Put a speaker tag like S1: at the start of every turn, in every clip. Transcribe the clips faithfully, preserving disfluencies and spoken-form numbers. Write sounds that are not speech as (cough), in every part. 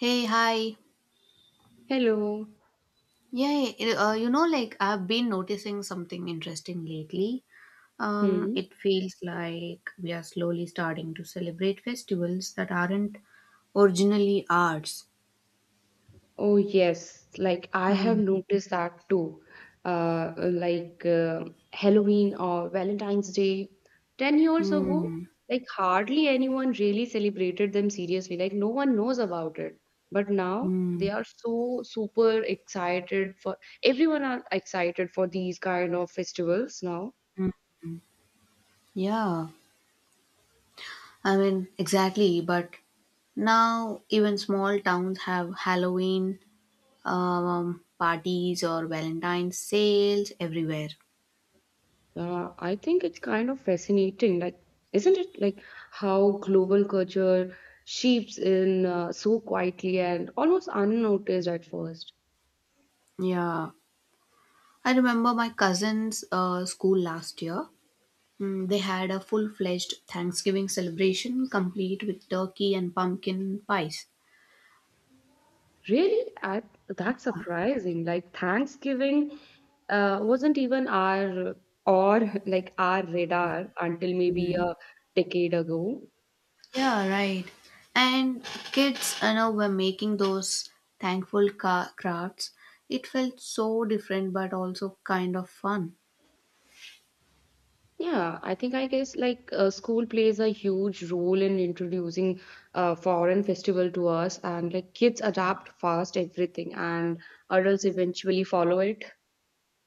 S1: Hey, hi.
S2: Hello.
S1: Yeah, it- uh, you know, like I've been noticing something interesting lately. Um,
S2: Hmm.
S1: it feels like we are slowly starting to celebrate festivals that aren't originally arts.
S2: Oh, yes. Like, I have
S1: Mm,
S2: noticed that too. Uh, like uh, Halloween or Valentine's Day. ten years ago,
S1: mm,
S2: like, hardly anyone really celebrated them seriously. Like, no one knows about it. But now
S1: mm.
S2: they are so super excited for everyone are excited for these kind of festivals now.
S1: Yeah, I mean, exactly. But now even small towns have Halloween um, parties or Valentine's sales everywhere.
S2: Uh, I think it's kind of fascinating, like, isn't it? Like how global culture seeps in uh, so quietly and almost unnoticed at first.
S1: Yeah. I remember my cousin's uh, school last year. Mm, they had a full fledged Thanksgiving celebration, complete with turkey and pumpkin pies.
S2: Really, I, that's surprising. Like Thanksgiving uh, wasn't even our or like our radar until maybe
S1: Mm.
S2: a decade ago.
S1: Yeah, right. And kids, I know, were making those thankful ca- crafts. It felt so different, but also kind of fun.
S2: Yeah, I think I guess like uh, school plays a huge role in introducing uh, foreign festival to us, and like kids adapt fast everything, and adults eventually follow it.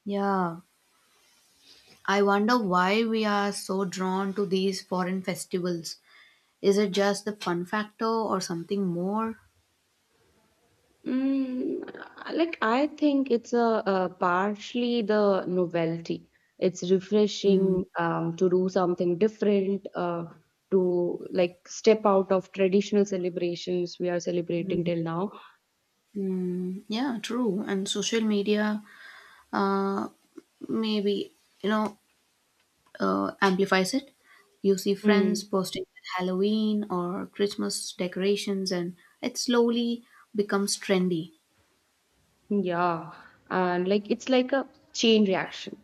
S1: Yeah, I wonder why we are so drawn to these foreign festivals. Is it just the fun factor or something more?
S2: Mm, like I think it's a, uh partially the novelty. It's
S1: Hmm.
S2: refreshing um, to do something different, uh, to like step out of traditional celebrations we are celebrating till now.
S1: Mm, yeah, true. And social media uh, maybe, you know, uh, amplifies it. You see friends
S2: Hmm.
S1: posting Halloween or Christmas decorations, and it slowly becomes trendy.
S2: Yeah, and like it's like a chain reaction.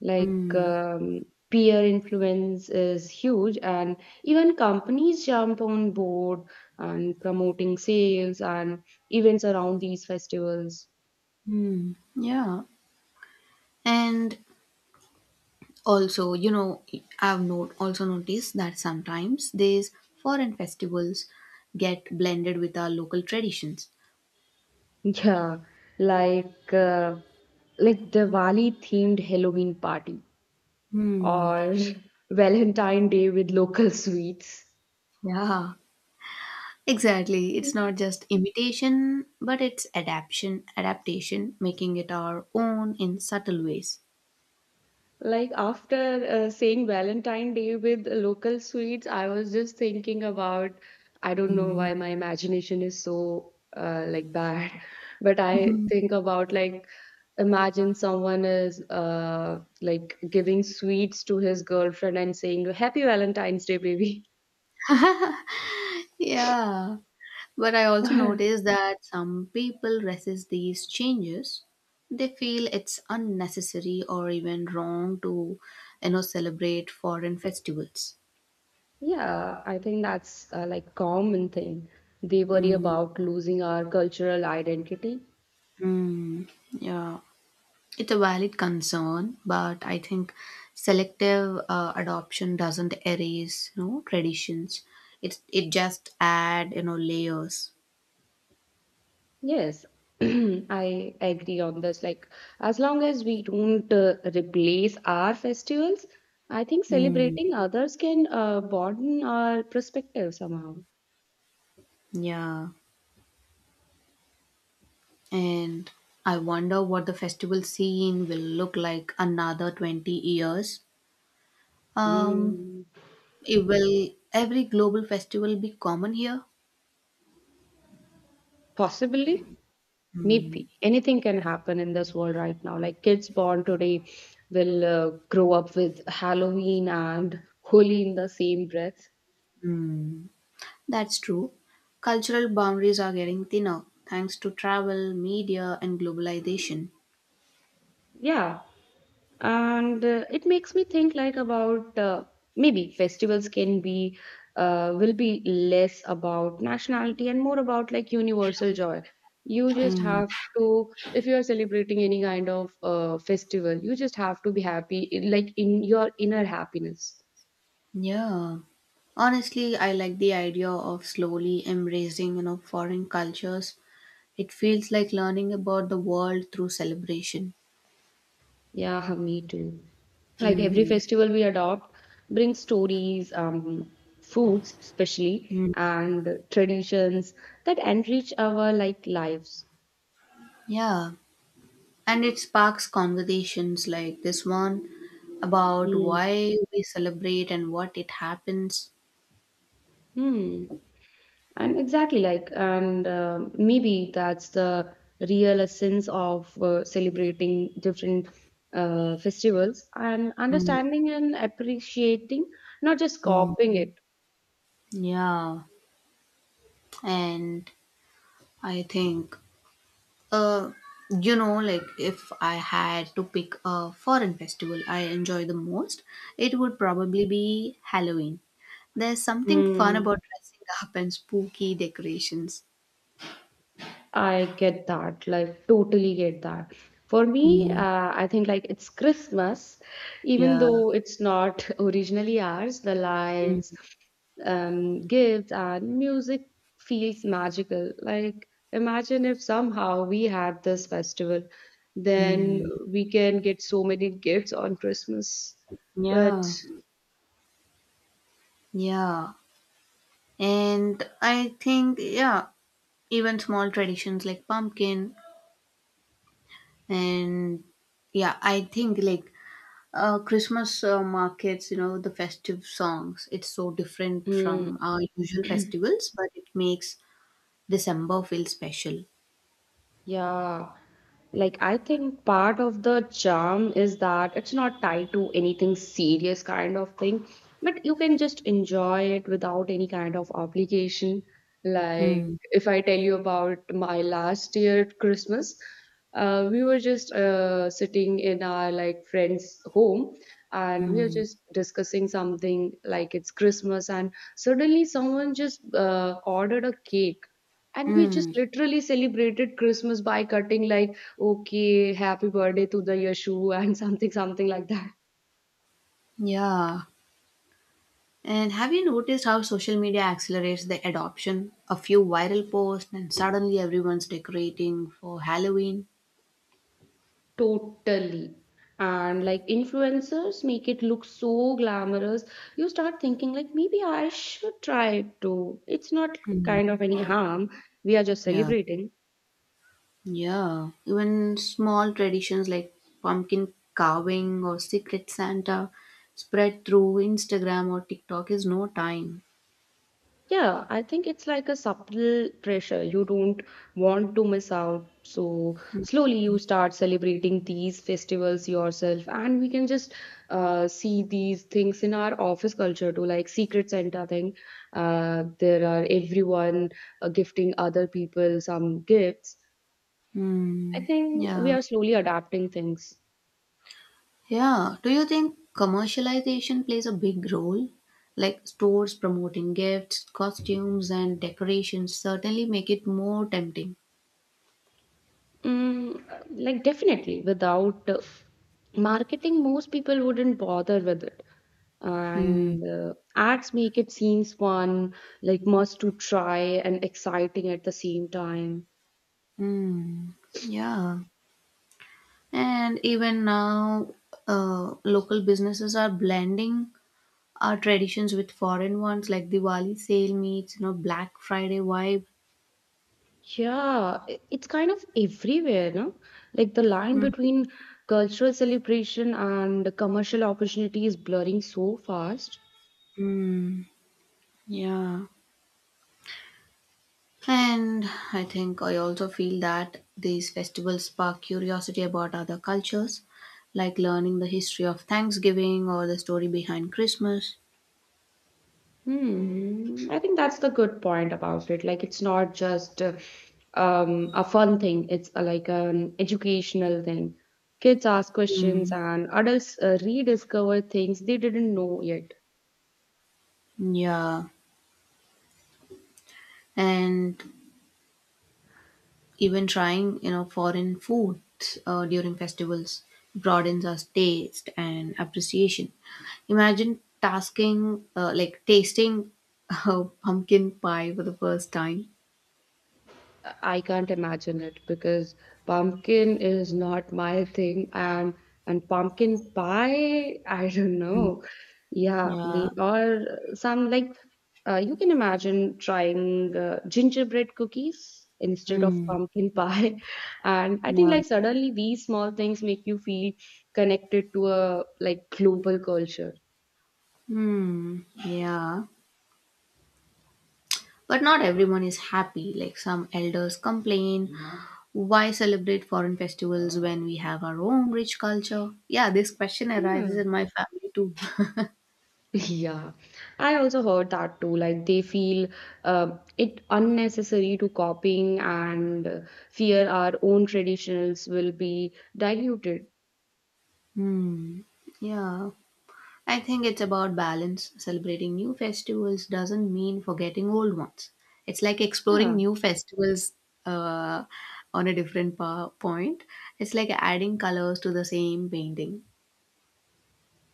S2: Like um, peer influence is huge, and even companies jump on board and promoting sales and events around these festivals. (laughs)
S1: Mm, yeah. And also, you know, I've not- also noticed that sometimes these foreign festivals get blended with our local traditions.
S2: Yeah, like uh, like Diwali themed Halloween party
S1: Hmm.
S2: or (laughs) Valentine Day with local sweets.
S1: Yeah. Exactly. It's not just imitation, but it's adaptation, adaptation, making it our own in subtle ways.
S2: Like after uh, saying Valentine Day with local sweets, I was just thinking about, I don't know
S1: Mm.
S2: why my imagination is so uh, like bad, (laughs) but I
S1: Mhm.
S2: think about like imagine someone is uh, like giving sweets to his girlfriend and saying, Happy Valentine's Day, baby.
S1: Yeah. But I also notice
S2: (laughs)
S1: that some people resist these changes. They feel it's unnecessary or even wrong to, you know, celebrate foreign festivals.
S2: Yeah, I think that's uh, like common thing. They worry
S1: Mm.
S2: about losing our cultural identity.
S1: Mm, yeah. It's a valid concern, but I think selective uh, adoption doesn't erase you know traditions. It it just add you know layers.
S2: Yes, (clears throat) I agree on this. Like, as long as we don't uh, replace our festivals, I think
S1: Hmm.
S2: celebrating others can uh, broaden our perspective somehow.
S1: Yeah, and I wonder what the festival scene will look like another twenty years. Um,
S2: Hmm.
S1: it will every global festival be common here?
S2: Possibly, maybe anything can happen in this world right now. Like, kids born today will uh, grow up with Halloween and Holi in the same breath.
S1: Hmm, that's true. Cultural boundaries are getting thinner thanks to travel, media, and globalization.
S2: Yeah, and uh, it makes me think like about uh, maybe festivals can be uh, will be less about nationality and more about like universal joy you just
S1: Hmm.
S2: have to if you are celebrating any kind of uh, festival you just have to be happy like in your inner happiness.
S1: Yeah. Honestly, I like the idea of slowly embracing, you know, foreign cultures. It feels like learning about the world through celebration.
S2: Yeah, (laughs) me too, like every
S1: Mm.
S2: festival we adopt brings stories um foods especially
S1: Mm.
S2: and traditions that enrich our like lives.
S1: Yeah. And it sparks conversations like this one about why we celebrate and what it happens.
S2: Hmm. And exactly like, and uh, maybe that's the real essence of uh, celebrating different uh, festivals and
S1: Mm.
S2: understanding and appreciating, not just
S1: Mm.
S2: copying it.
S1: Yeah. And I think Uh, you know, like if I had to pick a foreign festival I enjoy the most, it would probably be Halloween. There's something fun
S2: Hmm.
S1: about dressing up and spooky decorations.
S2: I get that, like totally get that. For me,
S1: Mm,
S2: uh, I think like it's Christmas, even
S1: yeah.
S2: though it's not (laughs) originally ours, the lights, um, gifts, and music feels magical. Like, imagine if somehow we had this festival, then
S1: Hmm.
S2: we can get so many gifts on Christmas. But
S1: Yeah. Yeah. And I think, yeah, even small traditions like pumpkin and yeah, I think like uh, Christmas uh, markets, you know, the festive songs. It's so different
S2: mm,
S1: from our usual
S2: (clears throat)
S1: festivals, but it makes December feel special.
S2: yeah, like I think part of the charm is that it's not tied to anything serious kind of thing, but you can just enjoy it without any kind of obligation. Like
S1: Mm,
S2: if I tell you about my last year Christmas, uh, we were just uh, sitting in our like friend's home and we were
S1: mm,
S2: just discussing something like it's Christmas and suddenly someone just uh, ordered a cake and we just
S1: mm.
S2: literally celebrated Christmas by cutting like, okay, happy birthday to the Yashu (laughs) and something, something like that.
S1: Yeah. And have you noticed how social media accelerates the adoption? A few viral posts, and suddenly everyone's decorating for Halloween.
S2: Totally. And like influencers make it look so glamorous. You start thinking like maybe I should try it too. It's not
S1: Mhm.
S2: kind of any harm. We are just
S1: Yeah.
S2: celebrating.
S1: Yeah, even small traditions like pumpkin carving or Secret Santa spread through Instagram or TikTok is no time.
S2: Yeah, I think it's like a subtle pressure. You don't want to miss out. So slowly you start celebrating these festivals yourself. And we can just uh, see these things in our office culture too, like Secret Santa thing. Uh, there are everyone uh, gifting other people some gifts. I
S1: Hmm.
S2: think we
S1: Yeah.
S2: are slowly adapting things.
S1: Yeah. Do you think commercialization plays a big role? Like stores promoting gifts, costumes, and decorations certainly make it more tempting.
S2: Mm, uh, like definitely without uh, marketing most people wouldn't bother with it,
S1: Hmm.
S2: and uh, ads make it seems fun, like must to try and exciting at the same time.
S1: Hmm. Yeah. And even now, uh, local businesses are blending our traditions with foreign ones like Diwali sale meets, you know, Black Friday vibe.
S2: Yeah, i- it's kind of everywhere, no, like the line
S1: Mm.
S2: between cultural celebration and commercial opportunity is blurring so fast.
S1: Yeah. And I think I also feel that these festivals spark curiosity about other cultures, like learning the history of Thanksgiving or the story behind Christmas.
S2: Hmm. I think that's the good point about it. Like, it's not just uh, um, a fun thing, it's a, like an educational thing. Kids ask questions, and adults uh, rediscover things they didn't know yet.
S1: Yeah. And even trying, you know, foreign foods uh, during festivals broadens our taste and appreciation. Imagine tasking, uh, like tasting (laughs) uh, pumpkin pie for the first time.
S2: I can't imagine it because pumpkin is not my thing, and and pumpkin pie, (laughs) I don't
S1: Mm,
S2: know. Yeah,
S1: yeah.
S2: me or some like uh, you can imagine trying uh, gingerbread cookies instead of
S1: Mm,
S2: pumpkin pie. (laughs) And I think
S1: yeah.
S2: like suddenly these small things make you feel connected to a like global culture.
S1: Hmm, yeah. But not everyone is happy. Like some elders complain, why celebrate foreign festivals when we have our own rich culture? Yeah, this question arises
S2: Yeah.
S1: in my family too.
S2: Yeah, I also heard that too. Like they feel uh, it unnecessary to copying, and uh, fear our own traditionals will be diluted.
S1: (laughs) hmm, yeah. I think it's about balance. Celebrating new festivals doesn't mean forgetting old ones. It's like exploring
S2: Yeah,
S1: new festivals uh, on a different pa- point. It's like adding colors to the same painting.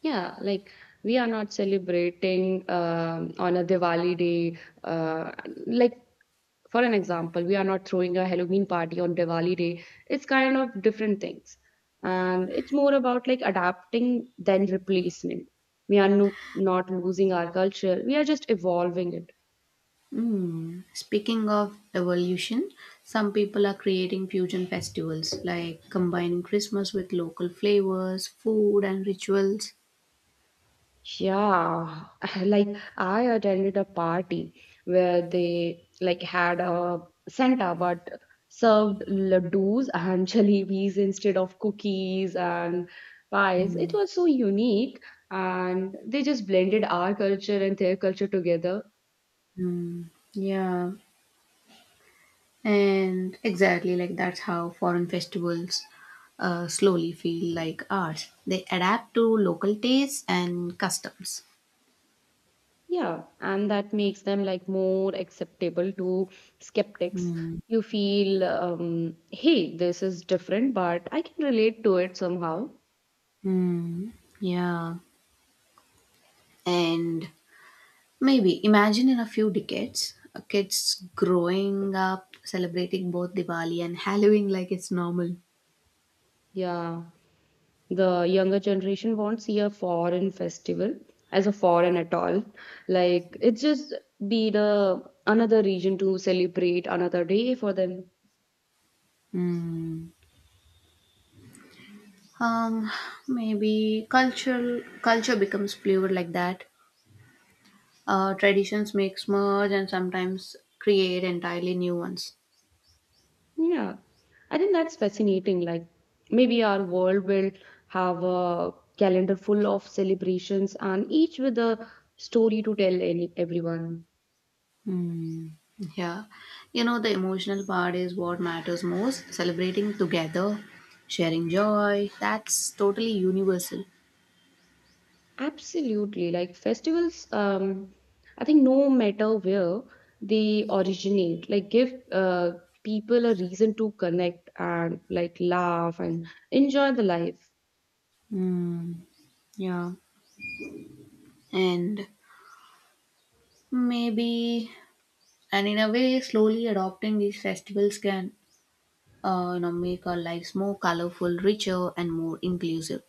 S2: yeah. Like we are not celebrating um on a Diwali day. Uh, like for an example, we are not throwing a Halloween party on Diwali day. It's kind of different things. And it's more about like adapting than replacement. We are no, not losing our culture. We are just evolving it.
S1: Mm. Speaking of evolution, some people are creating fusion festivals, like combining Christmas with local flavors, food, and rituals.
S2: Yeah, (laughs) like I attended a party where they like had a Santa but served ladoos and (laughs) jalebis instead of cookies and pies. It was so unique, and they just blended our culture and their culture together.
S1: Yeah, and exactly like that's how foreign festivals uh, slowly feel like ours. They adapt to local tastes and customs.
S2: Yeah, and that makes them like more acceptable to skeptics. You feel, um, hey, this is different, but I can relate to it somehow.
S1: Hmm. Yeah. And maybe imagine in a few decades, uh, kids growing up celebrating both Diwali and Halloween like it's normal.
S2: Yeah. The younger generation won't see a foreign festival as a foreign at all, like it's just be the another region to celebrate another day for them.
S1: Hmm. Um, maybe cultural culture becomes fluid like that. Uh, traditions make merge and sometimes create entirely new ones.
S2: Yeah, I think that's fascinating, like maybe our world will have a calendar full of celebrations, and each with a story to tell any, everyone.
S1: Hmm. Yeah. You know, the emotional part is what matters most. Celebrating together, sharing joy, that's totally universal.
S2: Absolutely. Like festivals, um, I think no matter where they originate, like give uh, people a reason to connect and like laugh and enjoy the life.
S1: Hmm. Yeah. And maybe, and in a way, slowly adopting these festivals can, uh, you know, make our lives more colorful, richer, and more inclusive.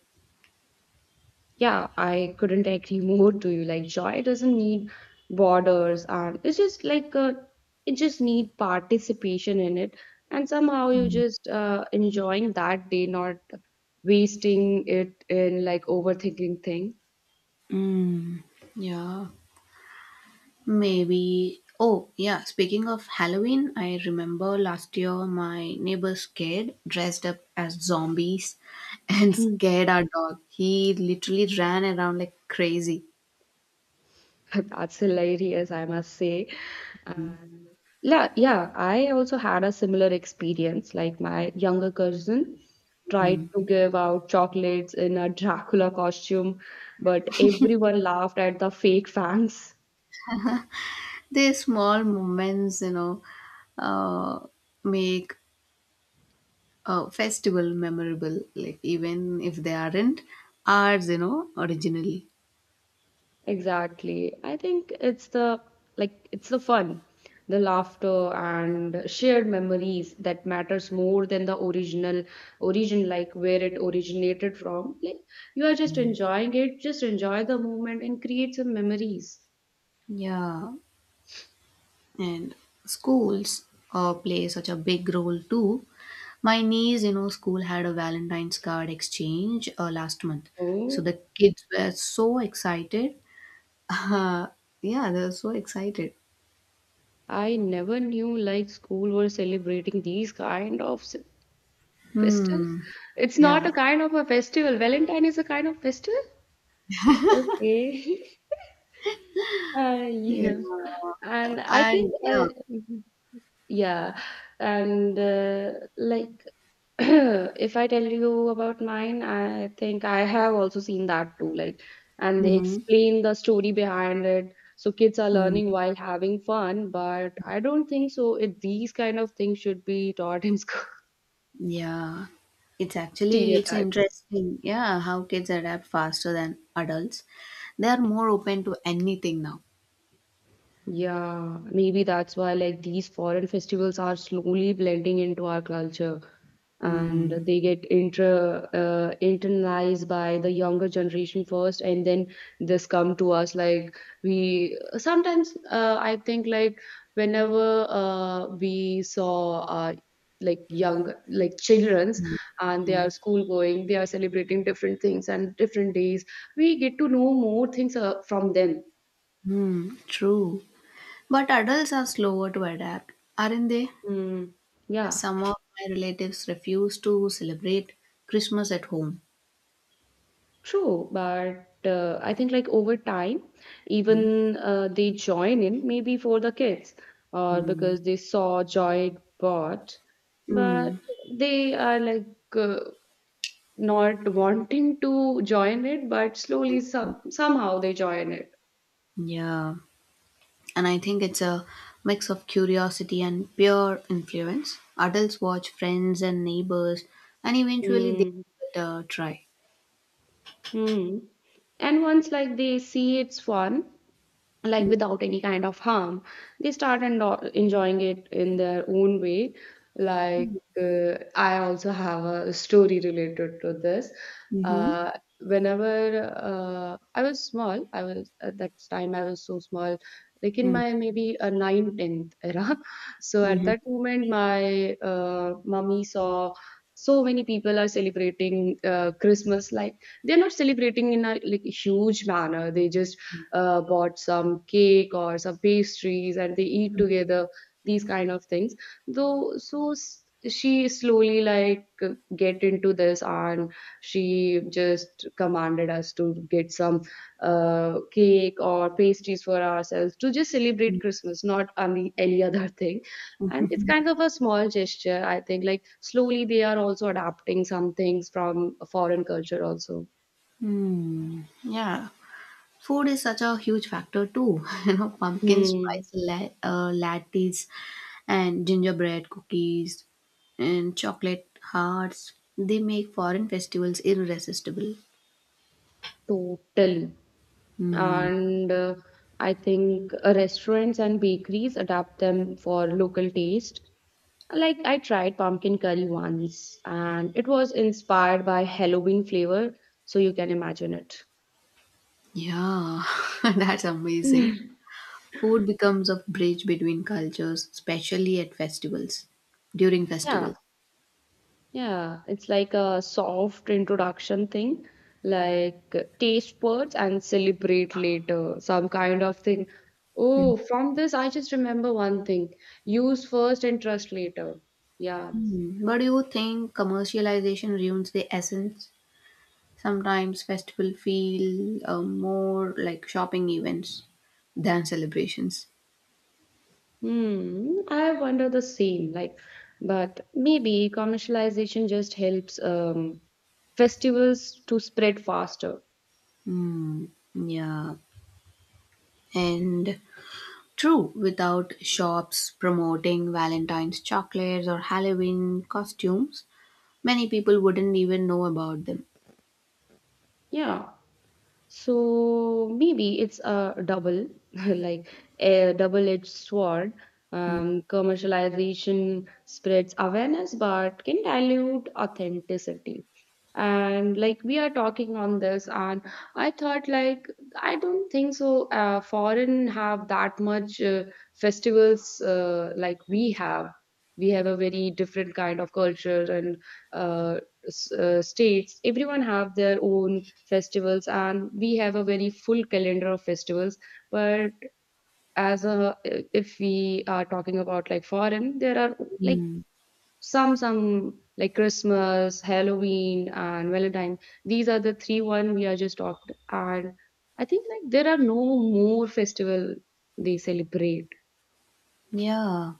S2: Yeah, I couldn't (laughs) agree more to you. Like joy doesn't need borders, and it's just like uh it just need participation in it. And somehow you just uh, enjoying that day, not wasting it in like overthinking thing.
S1: Mm, yeah. Maybe. Oh, yeah. Speaking of Halloween, I remember last year my neighbor's kid dressed up as zombies and (laughs) scared our dog. He literally ran around like crazy.
S2: (laughs) That's hilarious, I must say. And yeah, yeah, I also had a similar experience. Like my younger cousin
S1: Mm.
S2: tried to give out chocolates in a Dracula costume, but everyone laughed at the fake fangs.
S1: These small moments, you know, uh, make a festival memorable, like even if they aren't ours, you know, originally.
S2: Exactly. I think it's the like it's the fun, the laughter and shared memories that matters more than the original origin, like where it originated from. Like you are just enjoying it, just enjoy the moment and create some memories.
S1: Yeah. And schools uh, play such a big role too. My niece, you know, school had a Valentine's card exchange uh, last month, so
S2: Oh,
S1: the kids were so excited. (laughs) Uh, yeah, they were so excited.
S2: I never knew like school were celebrating these kind of s- festivals.
S1: Hmm.
S2: It's not
S1: Yeah.
S2: a kind of a festival. Valentine is a kind of festival. Okay. (laughs) Uh,
S1: Yeah.
S2: yeah. And I think,
S1: And
S2: uh,
S1: yeah.
S2: mhm. Yeah, and uh, like (clears throat) if I tell you about mine, I think I have also seen that too. Like, and they
S1: Mm-hmm.
S2: explain the story behind it. So kids are
S1: Mm,
S2: learning while having fun, but I don't think so. It, these kind of things should be taught in (laughs) school.
S1: yeah. It's actually it's
S2: Stereotypes.
S1: interesting. Yeah, how kids adapt faster than adults. They are more open to anything now.
S2: Yeah, maybe that's why like these foreign festivals are slowly blending into our culture,
S1: Mm,
S2: and they get inter uh, internalized by the younger generation first, and then this come to us like we sometimes uh, I think like whenever uh, we saw uh, like young like children's, and they are
S1: mm,
S2: school going they are celebrating different things and different days we get to know more things uh, from them.
S1: mm, true. But adults are slower to adapt, aren't they?
S2: Mm,
S1: Because
S2: yeah.
S1: some of my relatives refuse to celebrate Christmas at home.
S2: True, but uh, I think like over time, even uh, they join in maybe for the kids or
S1: Hmm.
S2: because they saw joy it brought, but
S1: Hmm.
S2: they are like uh, not wanting to join it, but slowly some somehow they join it.
S1: Yeah. And I think it's a mix of curiosity and pure influence. Adults watch friends and neighbors, and eventually they
S2: Mm-hmm.
S1: uh, try.
S2: And once like they see it's fun, like without any kind of harm they start and uh, enjoying it in their own way, like
S1: Mm-hmm.
S2: uh, I also have a story related to this,
S1: Mm-hmm.
S2: uh, whenever uh, I was small, I was at that time I was so small, like in my maybe a ninth tenth era, (laughs) so at that moment my uh, mummy saw so many people are celebrating uh, Christmas, like they're not celebrating in a like huge manner, they just uh, bought some cake or some pastries and they eat together, these kind of things, though so s- she slowly like get into this, and she just commanded us to get some uh, cake or pastries for ourselves to just celebrate Christmas, not any, any (laughs) other thing, and it's kind of a small gesture, I think like slowly they are also adapting some things from a foreign culture also.
S1: Mm-hmm. Yeah. Food is such a huge factor too. (laughs) You know, pumpkin
S2: Hmm.
S1: spice la- uh, lattes and gingerbread cookies and chocolate hearts. They make foreign festivals irresistible.
S2: Totally.
S1: Hmm.
S2: And uh, I think uh, restaurants and bakeries adapt them for local taste, like I tried pumpkin curry once, and it was inspired by Halloween flavor, so you can imagine it.
S1: Yeah, (laughs) that's
S2: (laughs) Yeah,
S1: amazing. Food becomes a bridge between cultures, especially at festivals, during
S2: yeah,
S1: festivals.
S2: yeah. It's like a soft introduction thing, like uh, taste buds and celebrate later, some kind of thing. Oh, from this I just remember one thing: use first and trust later. Yeah.
S1: Hmm. But do you think commercialization ruins the essence? Sometimes festival feel uh, more like shopping events than celebrations.
S2: Hmm, I wonder the same. Like, but maybe commercialization just helps um, festivals to spread faster.
S1: Mm, yeah, and true, without shops promoting Valentine's chocolates or Halloween costumes, many people wouldn't even know about them.
S2: Yeah. So maybe it's a double, (laughs) like a double-edged sword. Um, commercialization spreads awareness, but can dilute authenticity. And like we are talking on this, and I thought like I don't think so. Uh, foreign have that much uh, festivals, uh, like we have. We have a very different kind of culture and uh, uh, states everyone have their own festivals, and we have a very full calendar of festivals, but as a, if we are talking about like foreign, there are like
S1: Mm,
S2: some some like Christmas, Halloween and Valentine. These are the three one we are just talked, and I think like there are no more festival they celebrate.
S1: yeah,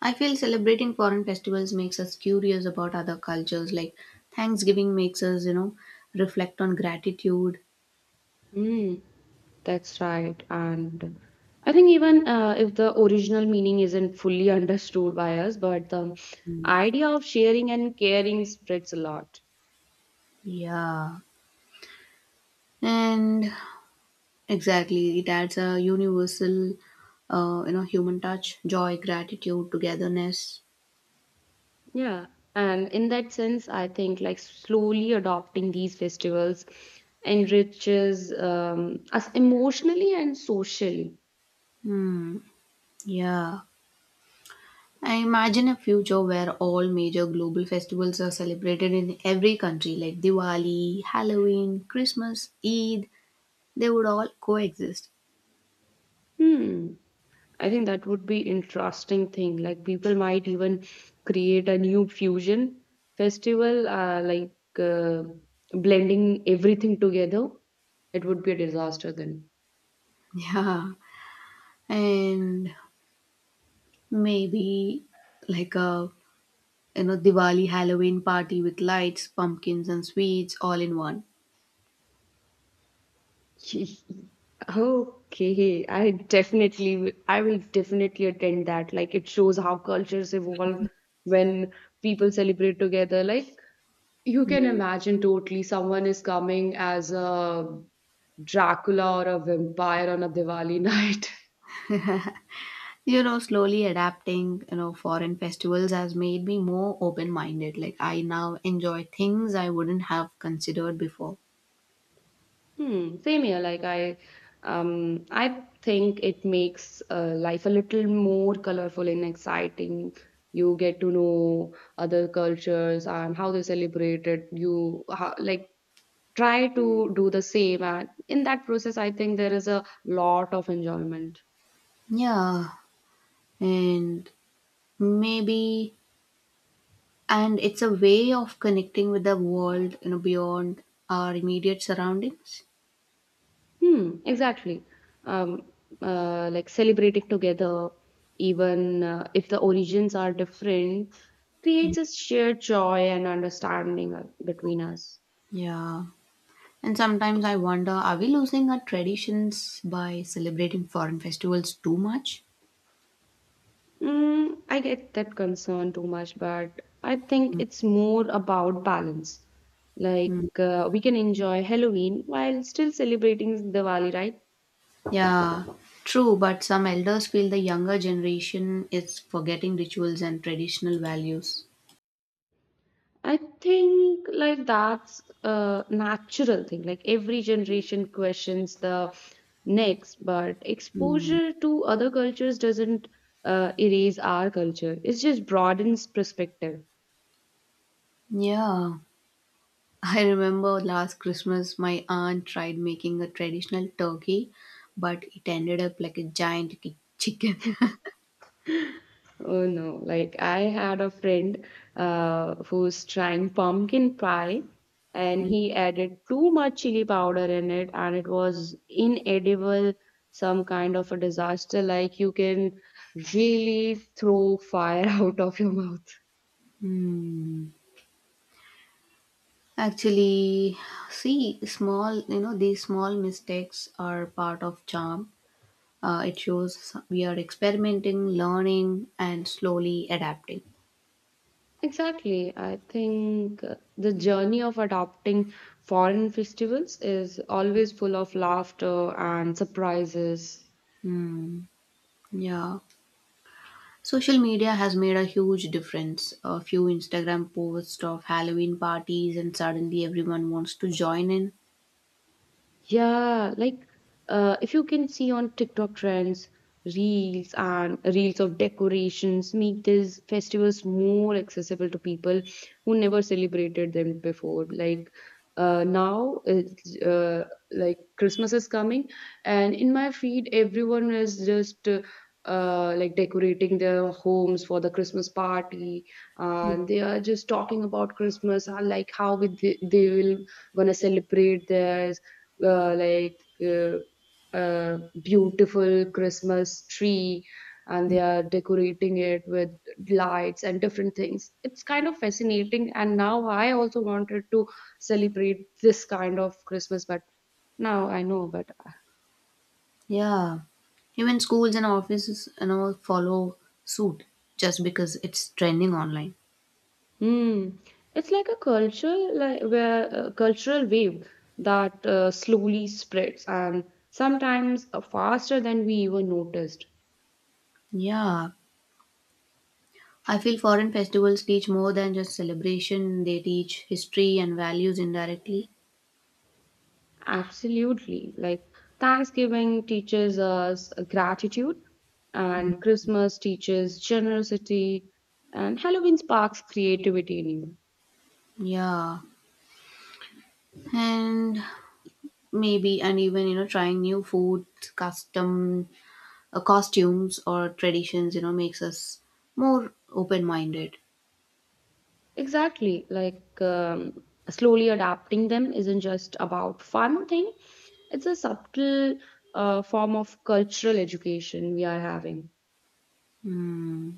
S1: I feel celebrating foreign festivals makes us curious about other cultures. Like Thanksgiving makes us, you know, reflect on gratitude.
S2: Hmm. That's right. And I think even, uh, if the original meaning isn't fully (laughs) understood by us, but the
S1: Hmm,
S2: idea of sharing and caring spreads a lot.
S1: yeah. And exactly, it adds a universal, uh, you know, human touch, joy, gratitude, togetherness.
S2: Yeah. And in that sense, I think like slowly adopting these festivals enriches um, us emotionally and socially.
S1: Hmm. Yeah, I imagine a future where all major global festivals are celebrated in every country, like Diwali, Halloween, Christmas, Eid. They would all coexist. (laughs)
S2: Hmm. I think that would be interesting thing. Like people might even create a new fusion festival, uh, like uh, blending everything together. It would be a disaster then.
S1: Yeah, and maybe like a you know Diwali Halloween party with lights, pumpkins, and sweets all in one.
S2: (laughs) Okay, I definitely, will- I will definitely attend that. Like it shows how cultures evolve when people celebrate together. Like you can imagine totally someone is coming as a Dracula or a vampire on a Diwali night. (laughs)
S1: you know slowly adapting you know foreign festivals has made me more open minded. Like I now enjoy things I wouldn't have considered before.
S2: Hmm, same here. Like I, um, I think it makes uh, life a little more colorful and exciting. You get to know other cultures and how they celebrate it. You how, like try to do the same, and in that process, I think there is a lot of enjoyment.
S1: Yeah, and maybe, and it's a way of connecting with the world, you know beyond our immediate surroundings.
S2: Hmm, exactly. Um, uh, like celebrating together, even, uh, if the origins are different, creates a shared joy and understanding uh, between us.
S1: Yeah, and sometimes I wonder, are we losing our traditions by celebrating foreign festivals too much?
S2: Mm, I get that concern too much, but I think it's more about balance. Like, uh, we can enjoy Halloween while still celebrating Diwali, right?
S1: Yeah, true, but some elders feel the younger generation is forgetting rituals and traditional values.
S2: I think like that's a natural thing. Like every generation questions the next, but
S1: Mm,
S2: exposure to other cultures doesn't uh, erase our culture. It just broadens perspective.
S1: yeah, (laughs) I remember last Christmas my aunt tried making a traditional turkey, but it ended up like a giant ki- chicken.
S2: Oh no, like I had a friend uh, who's trying pumpkin pie, and
S1: (laughs)
S2: he added too much chili powder in it, and it was inedible, some kind of a disaster. Like you can really throw fire (laughs) out of your mouth.
S1: Mm. Actually, see, small, you know, these small mistakes are part of charm. Uh, it shows we are experimenting, learning, and slowly adapting.
S2: Exactly. I think uh, the journey of adopting foreign festivals is always full of laughter and surprises.
S1: Mm. Yeah. Social media has made a huge difference. A few Instagram posts of Halloween parties, and suddenly everyone wants to join in.
S2: Yeah, like, uh, if you can see on TikTok trends, reels and reels of decorations make these festivals more accessible to people who never celebrated them before. Like, uh, now, it's, uh, like Christmas is coming, and in my feed, everyone is just uh, uh, like decorating their homes for the Christmas party, and they are just talking about Christmas, and like how we, they, they will gonna celebrate theirs, uh, like uh, uh, beautiful Christmas tree, and they are decorating it with lights and different things. It's kind of fascinating, and now I also wanted to celebrate this kind of Christmas, but now I know, but
S1: Yeah. Even schools and offices and all follow suit just because it's trending online.
S2: Hmm. It's like a cultural, like where a cultural wave that uh, slowly spreads and sometimes uh, faster than we even noticed.
S1: Yeah. I feel foreign festivals teach more than just celebration, they teach history and values indirectly.
S2: Absolutely. Like Thanksgiving teaches us gratitude, and Christmas teaches generosity, and Halloween sparks creativity in you.
S1: Yeah. And maybe, and even, you know, trying new food, custom uh, costumes or traditions you know makes us more open minded.
S2: Exactly. Like um, slowly adapting them isn't just about fun thing. It's a subtle uh, form of cultural education we are having.
S1: Hmm.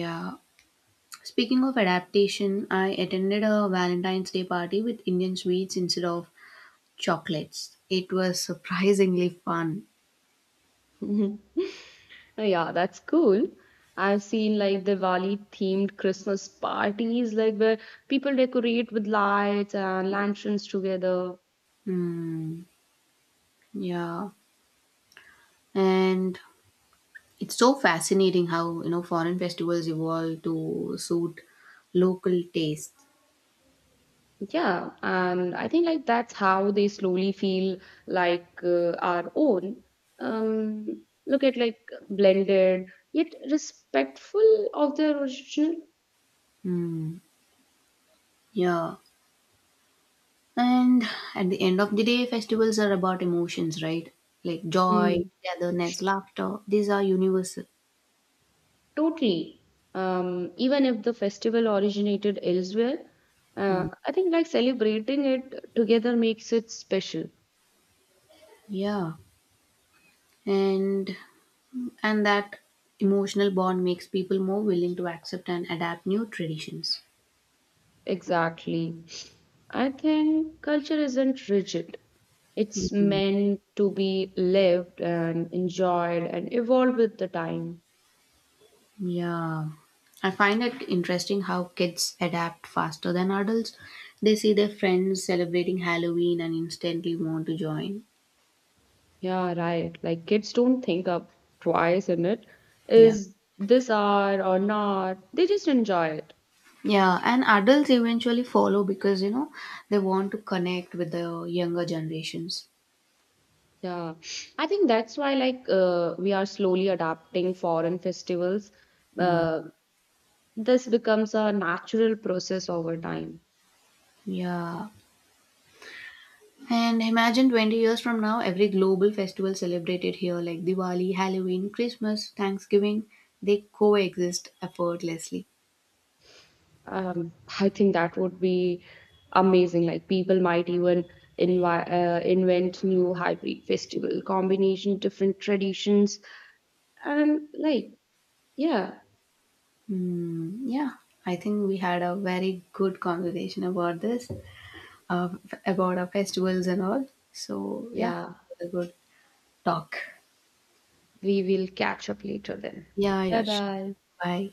S1: Yeah, speaking of adaptation, I attended a Valentine's Day party with Indian sweets instead of chocolates. It was surprisingly fun.
S2: (laughs) Oh, yeah, that's cool. I've seen like Diwali themed Christmas parties, like where people decorate with lights and lanterns together.
S1: Hmm. Yeah, and it's so fascinating how you know foreign festivals evolve to suit local taste.
S2: Yeah, and I think like that's how they slowly feel like uh, our own. Um, look at like blended yet respectful of their original.
S1: Hmm. Yeah. And at the end of the day, festivals are about emotions, right? Like joy,
S2: Hmm.
S1: togetherness, laughter. These are universal.
S2: Totally. Um, even if the festival originated elsewhere,
S1: Mm.
S2: uh, I think like celebrating it together makes it special.
S1: Yeah. And and that emotional bond makes people more willing to accept and adapt new traditions.
S2: Exactly. I think culture isn't rigid. It's meant to be lived and enjoyed and evolve with the time.
S1: Yeah. I find it interesting how kids adapt faster than adults. They see their friends celebrating Halloween and instantly want to join.
S2: Yeah, right. Like kids don't think up twice in it.
S1: Yeah.
S2: Is this art or not? They just enjoy it.
S1: Yeah, and adults eventually follow because you know they want to connect with the younger generations.
S2: Yeah, I think that's why like uh, we are slowly adapting foreign festivals.
S1: Mm.
S2: Uh, this becomes a natural process over time.
S1: Yeah. And imagine twenty years from now, every global festival celebrated here, like Diwali, Halloween, Christmas, Thanksgiving, they coexist effortlessly.
S2: Um, I think that would be amazing. Like people might even invi- uh, invent new hybrid festival combination, different traditions, and like yeah,
S1: Mm, yeah, I think we had a very good conversation about this, uh, f- about our festivals and all. So, yeah,
S2: yeah.
S1: it was a good talk.
S2: We will catch up later then.
S1: Yeah,
S2: Bye
S1: yeah, sure.
S2: bye.
S1: Bye.